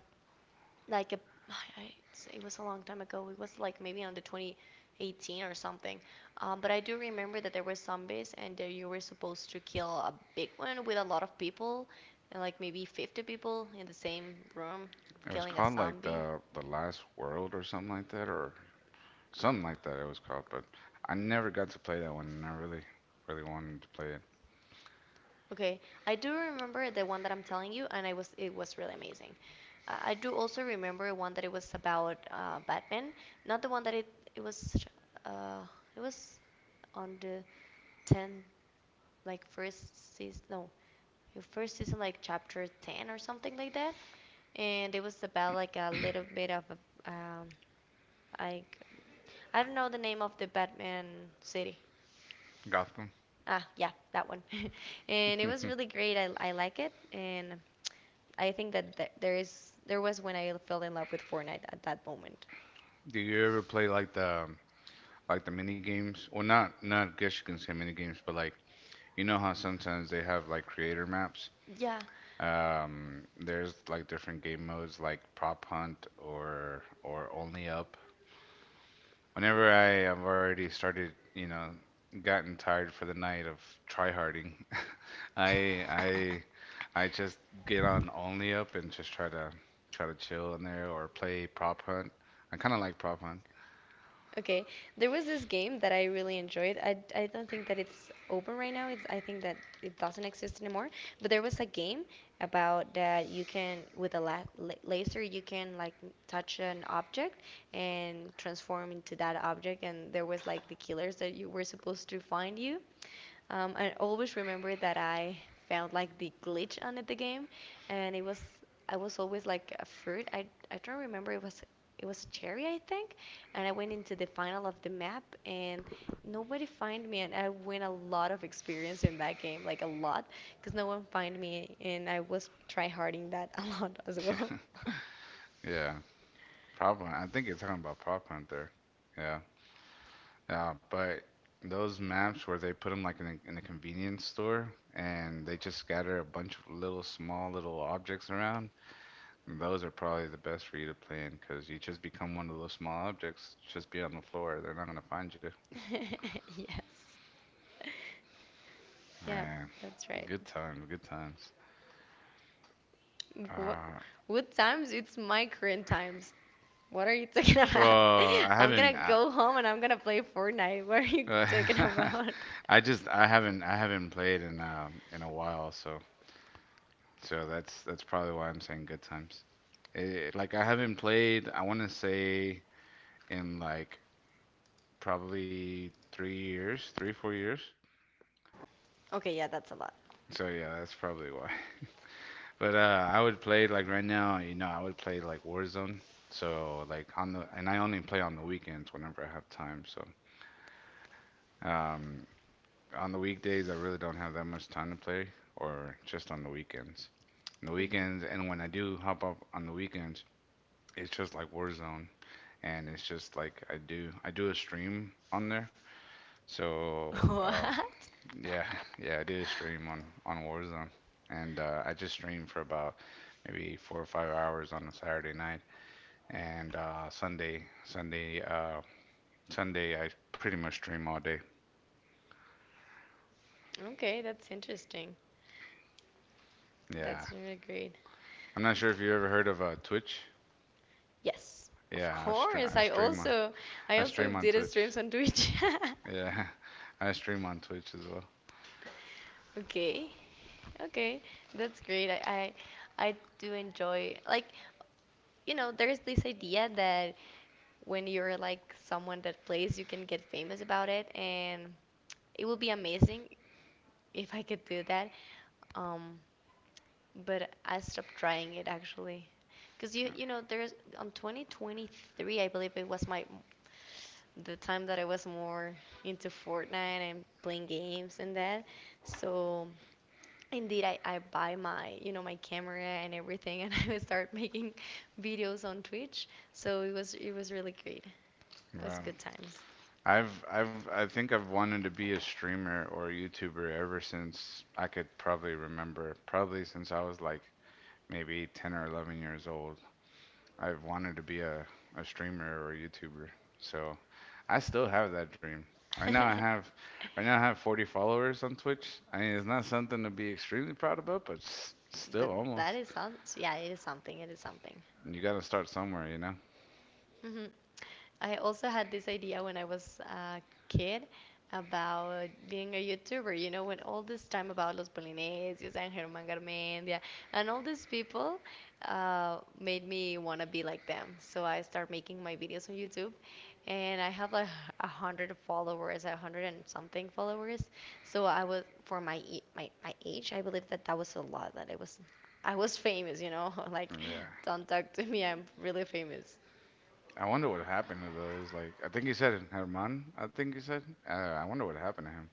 Speaker 1: like a [SIGHS] it was a long time ago. It was like maybe on the 2018 or something. But I do remember that there were zombies and that you were supposed to kill a big one with a lot of people, and like maybe 50 people in the same room
Speaker 2: It was
Speaker 1: killing a
Speaker 2: called like
Speaker 1: zombie.
Speaker 2: the Last World or something like that, or something like that. It was called, but I never got to play that one, and I really, really wanted to play it.
Speaker 1: Okay, I do remember the one that I'm telling you, and I was it was really amazing. I do also remember one that it was about Batman, not the one that it was uh, it was on the 10, like first season, no, the first season, like chapter 10 or something like that, and it was about like a little bit of a like I don't know the name of the Batman city.
Speaker 2: Gotham.
Speaker 1: Ah, yeah, that one. [LAUGHS] And
Speaker 2: [LAUGHS]
Speaker 1: it was
Speaker 2: Do
Speaker 1: really great. I like it, and I think that th there is there was when I fell in love with Fortnite at that moment.
Speaker 2: you ever play like the mini games? Well, not not I guess you can say mini games, but like you know how sometimes they have like creator maps.
Speaker 1: Yeah.
Speaker 2: There's like different game modes like prop hunt or only up. Whenever I have already started, you know, gotten tired for the night of tryharding, [LAUGHS] I I
Speaker 1: [LAUGHS]
Speaker 2: I just get on only up and just try to chill in there or play prop hunt. I kind of like prop hunt.
Speaker 1: Okay, there was this game that I really enjoyed. I don't think that it's open right now. It's I think that it doesn't exist anymore. But there was a game about that you can with a laser you can like touch an object and transform into that object. And there was like the killers that you were supposed to find you, I always remember that I found like the glitch on it, the game, and it was I was always like a fruit. I don't remember, it was cherry I think, and I went into the final of the map and nobody find me and I win a lot of experience in that game, like a lot, because no one find me and I was try harding that [LAUGHS] a lot as
Speaker 2: [LAUGHS]
Speaker 1: well.
Speaker 2: Yeah, yeah, prop hunt. I think you're talking about prop hunt there. Yeah. Yeah, but those maps where they put them like in a convenience store and they just scatter a bunch of little small little objects around, those are probably the best for you to play in because you just become one of those small objects, just be on the floor. They're not gonna find you.
Speaker 1: [LAUGHS] Yes. Yeah,
Speaker 2: Man,
Speaker 1: that's right.
Speaker 2: good times, good times.
Speaker 1: What,
Speaker 2: Uh,
Speaker 1: what times? It's my current times. What are you talking
Speaker 2: well,
Speaker 1: about?
Speaker 2: I
Speaker 1: [LAUGHS] I'm gonna
Speaker 2: haven't.
Speaker 1: go home and I'm gonna play Fortnite. What are
Speaker 2: [LAUGHS]
Speaker 1: you talking about? [LAUGHS]
Speaker 2: I haven't played in a while, so that's probably why I'm saying good times. Like I haven't played, I want to say in like probably 3 years, three, 4 years.
Speaker 1: Okay, yeah, that's a lot.
Speaker 2: So yeah, that's probably why. [LAUGHS] But I would play like right now, I would play like Warzone. So like and I only play on the weekends whenever I have time. So um, on the weekdays, I really don't have that much time to play, or just on the weekends. On the
Speaker 1: Mhm.
Speaker 2: weekends, and when I do hop up on the weekends, it's just like Warzone, and it's just like I do a stream on there.
Speaker 1: [LAUGHS]
Speaker 2: So
Speaker 1: What?
Speaker 2: yeah, [LAUGHS] yeah, I do a stream on Warzone, and I just stream for about maybe 4 or 5 hours on a Saturday night, and Sunday I pretty much stream all day.
Speaker 1: Okay, that's interesting.
Speaker 2: Yeah,
Speaker 1: That's really great.
Speaker 2: I'm not sure if you ever heard of Twitch.
Speaker 1: Yes, of
Speaker 2: Yeah, I stream
Speaker 1: course.
Speaker 2: I stream on
Speaker 1: I
Speaker 2: I
Speaker 1: also
Speaker 2: stream on
Speaker 1: did a
Speaker 2: Twitch.
Speaker 1: streams on Twitch. [LAUGHS]
Speaker 2: Yeah, [LAUGHS] I stream on Twitch as well.
Speaker 1: Okay. Okay. That's great. I do enjoy like you know, there's this idea that when you're like someone that plays, you can get famous about it and it would be amazing if I could do that. Um, but I stopped trying it actually, because you
Speaker 2: Yeah.
Speaker 1: you know there's on 2023 I believe it was my the time that I was more into Fortnite and playing games and that. So indeed I buy my you know my camera and everything and [LAUGHS] I would start making videos on Twitch. So it was really great. It was
Speaker 2: Wow.
Speaker 1: good times.
Speaker 2: I think I've wanted to be a streamer or a YouTuber ever since I could probably remember, probably since I was like maybe 10 or 11 years old. I've wanted to be a streamer or a YouTuber. So I still have that dream. Right now I have
Speaker 1: [LAUGHS]
Speaker 2: right now I have 40 followers on Twitch. I mean, it's not something to be extremely proud about, but still
Speaker 1: But that
Speaker 2: almost.
Speaker 1: is some, yeah, it is something, it is something.
Speaker 2: You got to start somewhere, you know?
Speaker 1: Hmm. I also had this idea when I was a kid about being a YouTuber. You know, when all this time about Los Polinesios and Germán Garmendia and all these people made me want to be like them. So I started making my videos on YouTube and I have like 100 followers, 100 and something followers. So I was, for my, my age, I believe that that was a lot, that it was, I was famous, you know, [LAUGHS] like
Speaker 2: Yeah.
Speaker 1: don't talk to me, I'm really famous.
Speaker 2: I wonder what happened to those. Like, I think you said Herman. I think you said. I wonder what happened to him.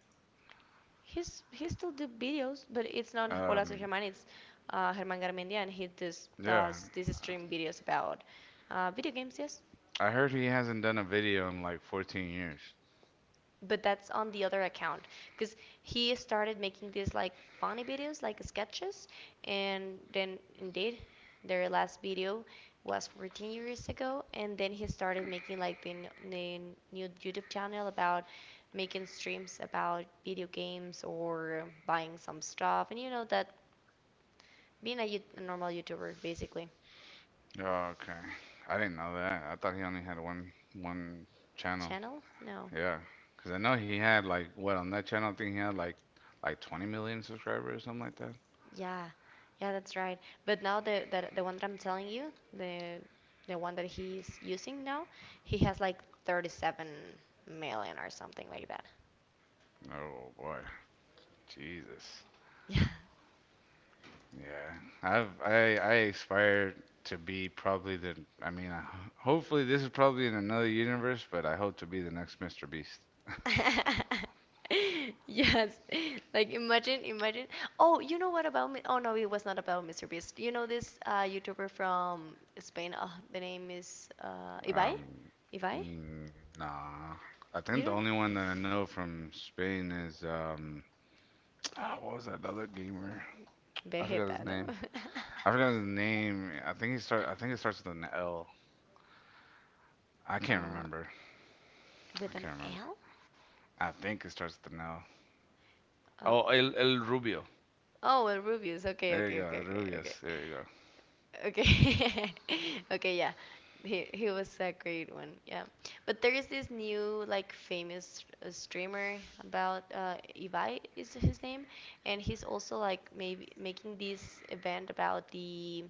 Speaker 1: He still do videos, but it's not Hola Soy
Speaker 2: Um,
Speaker 1: Germán. It's Germán Garmendia, and he does
Speaker 2: yeah.
Speaker 1: does these stream videos about video games. Yes,
Speaker 2: I heard he hasn't done a video in like 14 years.
Speaker 1: but that's on the other account because he started making these like funny videos, like sketches, and then indeed their last video was 14 years ago, and then he started making like the new YouTube channel about making streams about video games or buying some stuff, and you know that being a normal YouTuber, basically.
Speaker 2: Oh, okay. I didn't know that. I thought he only had one channel.
Speaker 1: Channel? No.
Speaker 2: Yeah, because I know he had like what on that channel I think he had like 20 million subscribers or something like that.
Speaker 1: Yeah, yeah, that's right. But now the one that I'm telling you, the one that he's using now, he has like 37,000,000 or something like that.
Speaker 2: Oh boy. Jesus.
Speaker 1: Yeah.
Speaker 2: Yeah. I aspire to be probably the I mean, hopefully this is probably in another universe, but I hope to be the next Mr. Beast.
Speaker 1: [LAUGHS] Yes. Like, imagine, imagine. Oh, you know what about me? Oh no, it was not about Mr. Beast. You know this YouTuber from Spain. Oh, the name is Ibai.
Speaker 2: Um,
Speaker 1: Ibai.
Speaker 2: mm, nah. I
Speaker 1: You
Speaker 2: think the
Speaker 1: don't?
Speaker 2: only one that I know from Spain is [TSK] what was that other gamer? I forgot his
Speaker 1: Vegeta, no?
Speaker 2: name. I forgot his name. I think he start. I think it starts with an L. I
Speaker 1: [LAUGHS]
Speaker 2: can't
Speaker 1: uh,
Speaker 2: remember. I
Speaker 1: with an
Speaker 2: can't remember.
Speaker 1: L?
Speaker 2: I think it starts with an L.
Speaker 1: Um,
Speaker 2: Oh, El Rubio.
Speaker 1: oh, well, Rubius. Okay,
Speaker 2: There you
Speaker 1: okay,
Speaker 2: go, El
Speaker 1: okay, okay, okay.
Speaker 2: Rubius. There you go.
Speaker 1: Okay. [LAUGHS] Okay, yeah. He was a great one. Yeah. But there is this new like famous streamer about Ivai is his name and he's also like maybe making this event about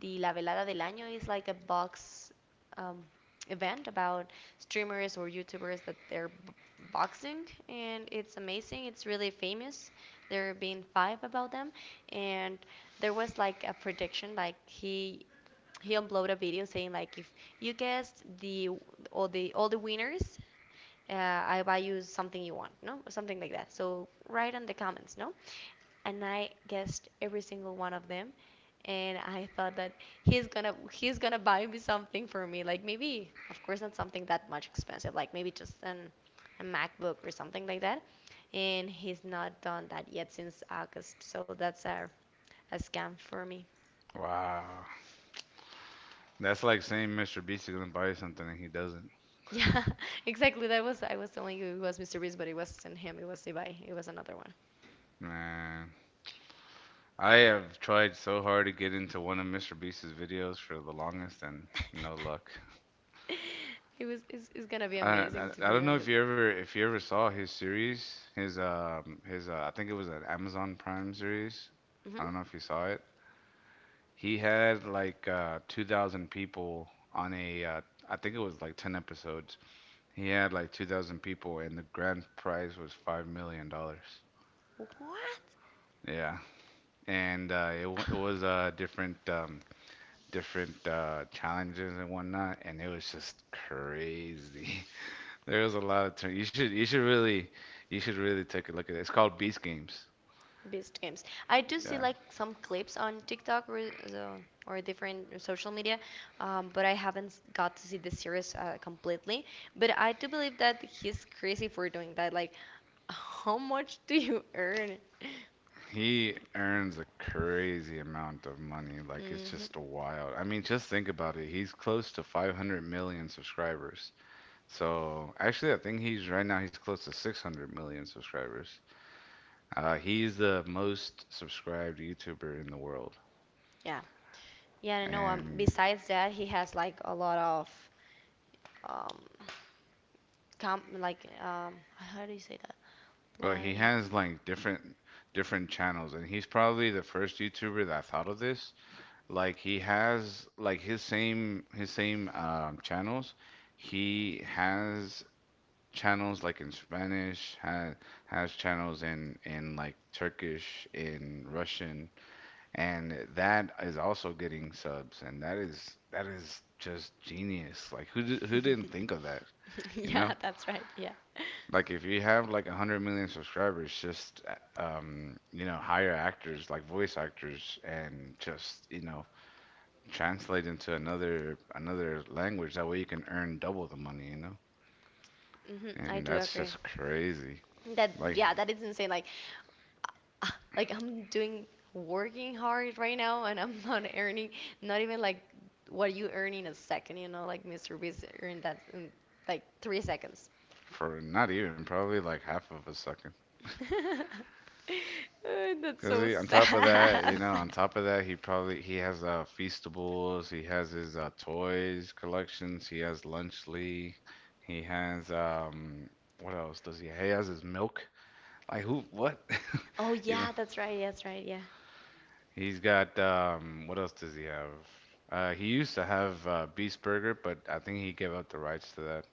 Speaker 1: the La Velada del Año is like a box um, event about streamers or YouTubers that they're boxing, and it's amazing. It's really famous. There have been five about them, and there was like a prediction, like he uploaded a video saying like if you guessed the all the all the winners, uh, I buy you something you want, no? Something like that. So write in the comments, no? And I guessed every single one of them and I thought that he's gonna buy me something for me, like maybe of course not something that much expensive, like maybe just an a MacBook or something like that. And he's not done that yet since August, so that's a scam for me. [LAUGHS]
Speaker 2: Wow, that's like saying Mr. Beast is gonna buy you something and he doesn't.
Speaker 1: Yeah, exactly. That was I was telling you it was Mr. Beast, but it wasn't him. It was Ibai. It was another one.
Speaker 2: Man, I have tried so hard to get into one of Mr. Beast's videos for the longest and no luck.
Speaker 1: [LAUGHS] It was it's gonna be
Speaker 2: I, I
Speaker 1: amazing to
Speaker 2: I
Speaker 1: be
Speaker 2: don't know
Speaker 1: on
Speaker 2: if
Speaker 1: the.
Speaker 2: you ever if you ever saw his series, his I think it was an Amazon Prime series. I
Speaker 1: Hmm.
Speaker 2: don't know if you saw it. He had like 2,000 people on a I think it was like 10 episodes. He had like 2,000 people and the grand prize was $5 million.
Speaker 1: What?
Speaker 2: Yeah. And it was different challenges and whatnot and it was just crazy. [LAUGHS] There was a lot of turn. You should really take a look at it. It's called Beast Games.
Speaker 1: Based games. I do see
Speaker 2: Yeah.
Speaker 1: like some clips on TikTok or or different social media, but I haven't got to see the series completely. But I do believe that he's crazy for doing that. Like, [LAUGHS] how much do you earn?
Speaker 2: He earns a crazy amount of money. Like it's
Speaker 1: Hmm.
Speaker 2: just wild. I mean, just think about it. He's close to 500 million subscribers. So, actually, I think he's right now he's close to 600 million subscribers. He's the most subscribed YouTuber in the world.
Speaker 1: Yeah, yeah. I know.
Speaker 2: And
Speaker 1: Besides that, he has like a lot of um, com like how do you say that?
Speaker 2: well, he
Speaker 1: Like,
Speaker 2: has like different channels and he's probably the first YouTuber that thought of this. Like he has like his same channels. He has channels like in Spanish, ha has channels in like Turkish, in Russian, and that is also getting subs, and that is just genius. Like who didn't think of that,
Speaker 1: [LAUGHS]
Speaker 2: you
Speaker 1: yeah,
Speaker 2: know?
Speaker 1: that's right. Yeah.
Speaker 2: Like if you have like 100 million subscribers, just hire actors like voice actors and just, translate into another language. That way you can earn double the money, you know?
Speaker 1: Hmm. I
Speaker 2: And
Speaker 1: do
Speaker 2: that's
Speaker 1: agree.
Speaker 2: just crazy.
Speaker 1: That,
Speaker 2: Like
Speaker 1: yeah, that is insane. Like, ah, like I'm doing working hard right now and I'm [LAUGHS] not earning not even like what you earn in a second, you know, like Mr. Beast earned that in like 3 seconds.
Speaker 2: for not even probably like half of a second.
Speaker 1: [LAUGHS] That's
Speaker 2: Cause
Speaker 1: so
Speaker 2: he, on top of that, you
Speaker 1: sad.
Speaker 2: know, on
Speaker 1: [LAUGHS]
Speaker 2: top of that, he probably he has feastables, he has his toys collections, he has Lunchly, he has what else does he? He has his milk. Like who? What?
Speaker 1: Oh
Speaker 2: [LAUGHS] you know,
Speaker 1: yeah, that's right, yeah.
Speaker 2: He's got what else does he have? He used to have Beast Burger, but I think he gave up the rights to that.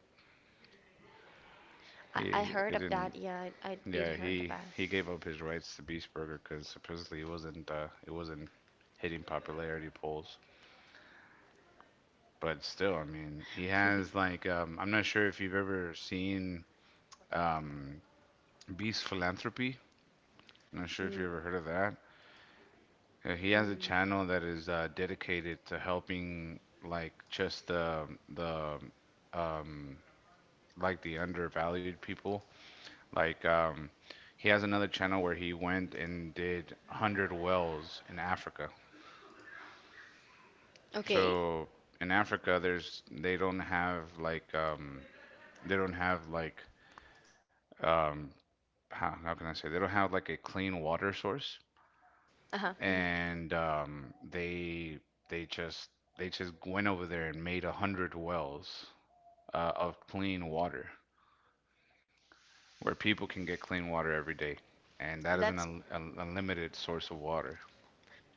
Speaker 2: He
Speaker 1: I
Speaker 2: it
Speaker 1: heard of
Speaker 2: didn't.
Speaker 1: that, yeah, I
Speaker 2: Yeah,
Speaker 1: did heard
Speaker 2: he
Speaker 1: about
Speaker 2: he gave up his rights to Beast Burger because supposedly it wasn't hitting popularity polls. But still, I mean, he
Speaker 1: it.
Speaker 2: has like I'm not sure if you've ever seen um Beast Philanthropy. I'm not
Speaker 1: [LAUGHS]
Speaker 2: sure if
Speaker 1: Mm,
Speaker 2: you ever heard of that. He has a
Speaker 1: mm.
Speaker 2: channel that is dedicated to helping like just the um like the undervalued people. Like he has another channel where he went and did 100 wells in Africa.
Speaker 1: Okay.
Speaker 2: So in Africa there's they don't have like they don't have like um how can I say they don't have like a clean water source.
Speaker 1: Uh-huh. Mhm.
Speaker 2: And they just they just went over there and made 100 wells of clean water where people can get clean water every day, and that is an
Speaker 1: That's
Speaker 2: unlimited source of water.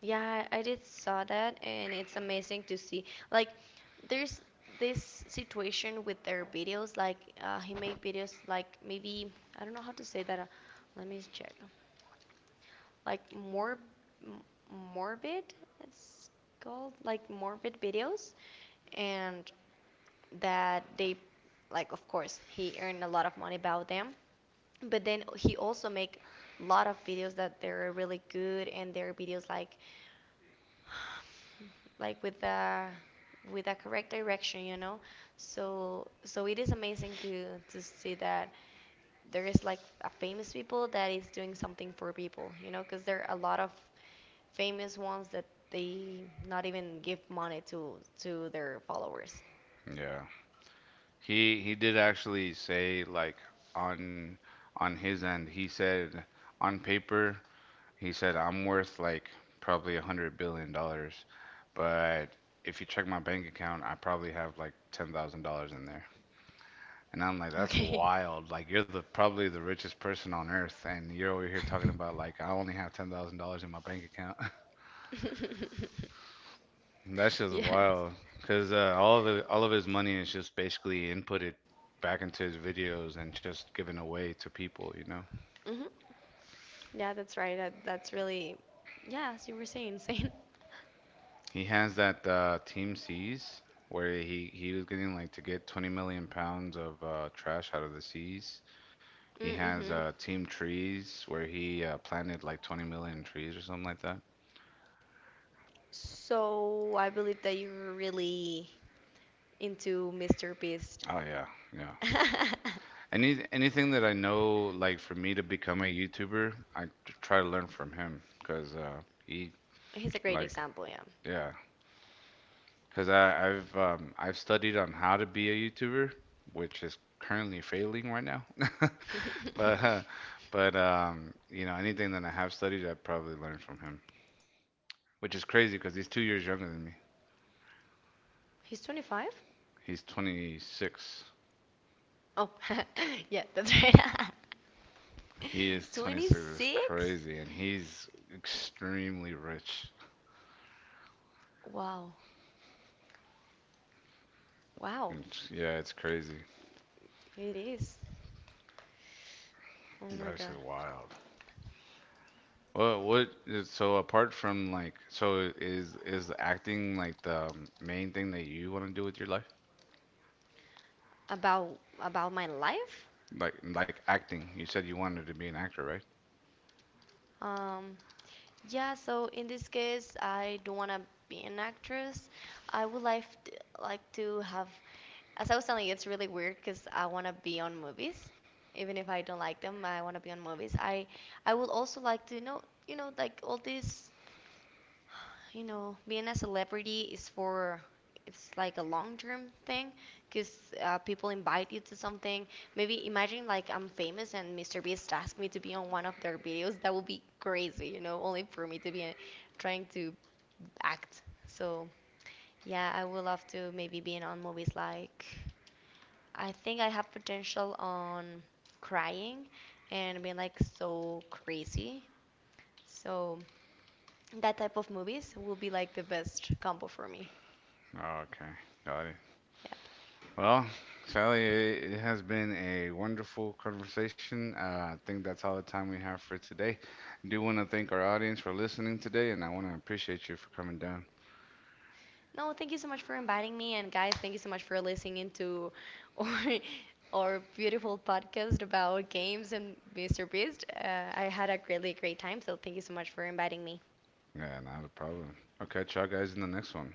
Speaker 1: Yeah, I did saw that, and it's amazing to see. Like, there's this situation with their videos. Like, he made videos like maybe I don't know how to say that. Let me check. Like more m- morbid, it's called like morbid videos, and that they like of course he earned a lot of money about them but then he also make a lot of videos that they're really good and their videos like with the correct direction you know, so so it is amazing to see that there is like a famous people that is doing something for people you know because there are a lot of famous ones that they not even give money to their followers.
Speaker 2: Yeah, he did actually say like on on his end he said on paper he said I'm worth like probably $100 billion, but if you check my bank account, I probably have like $10,000 in there. And I'm like, that's
Speaker 1: Okay.
Speaker 2: wild. Like you're the probably the richest person on earth, and you're over here talking about like I only have $10,000 in my bank account. [LAUGHS]
Speaker 1: [LAUGHS]
Speaker 2: That's just
Speaker 1: Yes.
Speaker 2: wild, cause all of his money is just basically inputted back into his videos and just given away to people. You know,
Speaker 1: Hmm. Yeah, that's right, that's really yes you were saying same.
Speaker 2: he has that Team Seas where he was getting like to get 20 million pounds of trash out of the seas.
Speaker 1: [LAUGHS]
Speaker 2: He has
Speaker 1: Mm-hmm.
Speaker 2: Team Trees where he planted like 20 million trees or something like that.
Speaker 1: So I believe that you're really into Mr. Beast.
Speaker 2: Oh yeah, yeah.
Speaker 1: [LAUGHS]
Speaker 2: Anything that I know, like for me to become a YouTuber, I try to learn from him because he
Speaker 1: He's a great
Speaker 2: like
Speaker 1: example, yeah.
Speaker 2: yeah, because I've studied on how to be a YouTuber, which is currently failing right now, [LAUGHS]
Speaker 1: [LAUGHS]
Speaker 2: but uh, but anything that I have studied, I probably learned from him, which is crazy because he's 2 years younger than me.
Speaker 1: He's 25?
Speaker 2: He's 26.
Speaker 1: Oh, [LAUGHS] yeah, that's right.
Speaker 2: He
Speaker 1: [LAUGHS]
Speaker 2: is 26. It's
Speaker 1: 26?
Speaker 2: crazy, and he's extremely rich.
Speaker 1: Wow. Wow.
Speaker 2: Yeah, it's crazy.
Speaker 1: It is. Oh
Speaker 2: That
Speaker 1: my
Speaker 2: is just
Speaker 1: God.
Speaker 2: wild. Well, what is so apart from like so is acting like the main thing that you want to do with your life?
Speaker 1: About my life?
Speaker 2: Like acting. You said you wanted to be an actor, right?
Speaker 1: Um, yeah, so in this case, I don't want to be an actress. I would like to have, as I was telling you, it's really weird because I want to be on movies, even if I don't like them. I want to be on movies. I would also like to know, you know, like all these you know, being a celebrity is for it's like a long-term thing because people invite you to something. Maybe imagine like I'm famous and Mr. Beast asked me to be on one of their videos. That would be crazy, you know, only for me to be trying to act. So yeah, I would love to maybe be in on movies like I think I have potential on crying and being like so crazy. So that type of movies will be like the best combo for me.
Speaker 2: Okay, got it.
Speaker 1: Yep.
Speaker 2: Well, Sally, it has been a wonderful conversation. I think that's all the time we have for today. Do want to thank our audience for listening today, and I want to appreciate you for coming down.
Speaker 1: No, thank you so much for inviting me, and guys, thank you so much for listening to our [LAUGHS] our beautiful podcast about games and Mr. Beast. I had a really great time, so thank you so much for inviting me.
Speaker 2: Yeah, not a problem. I'll catch y'all guys in the next one.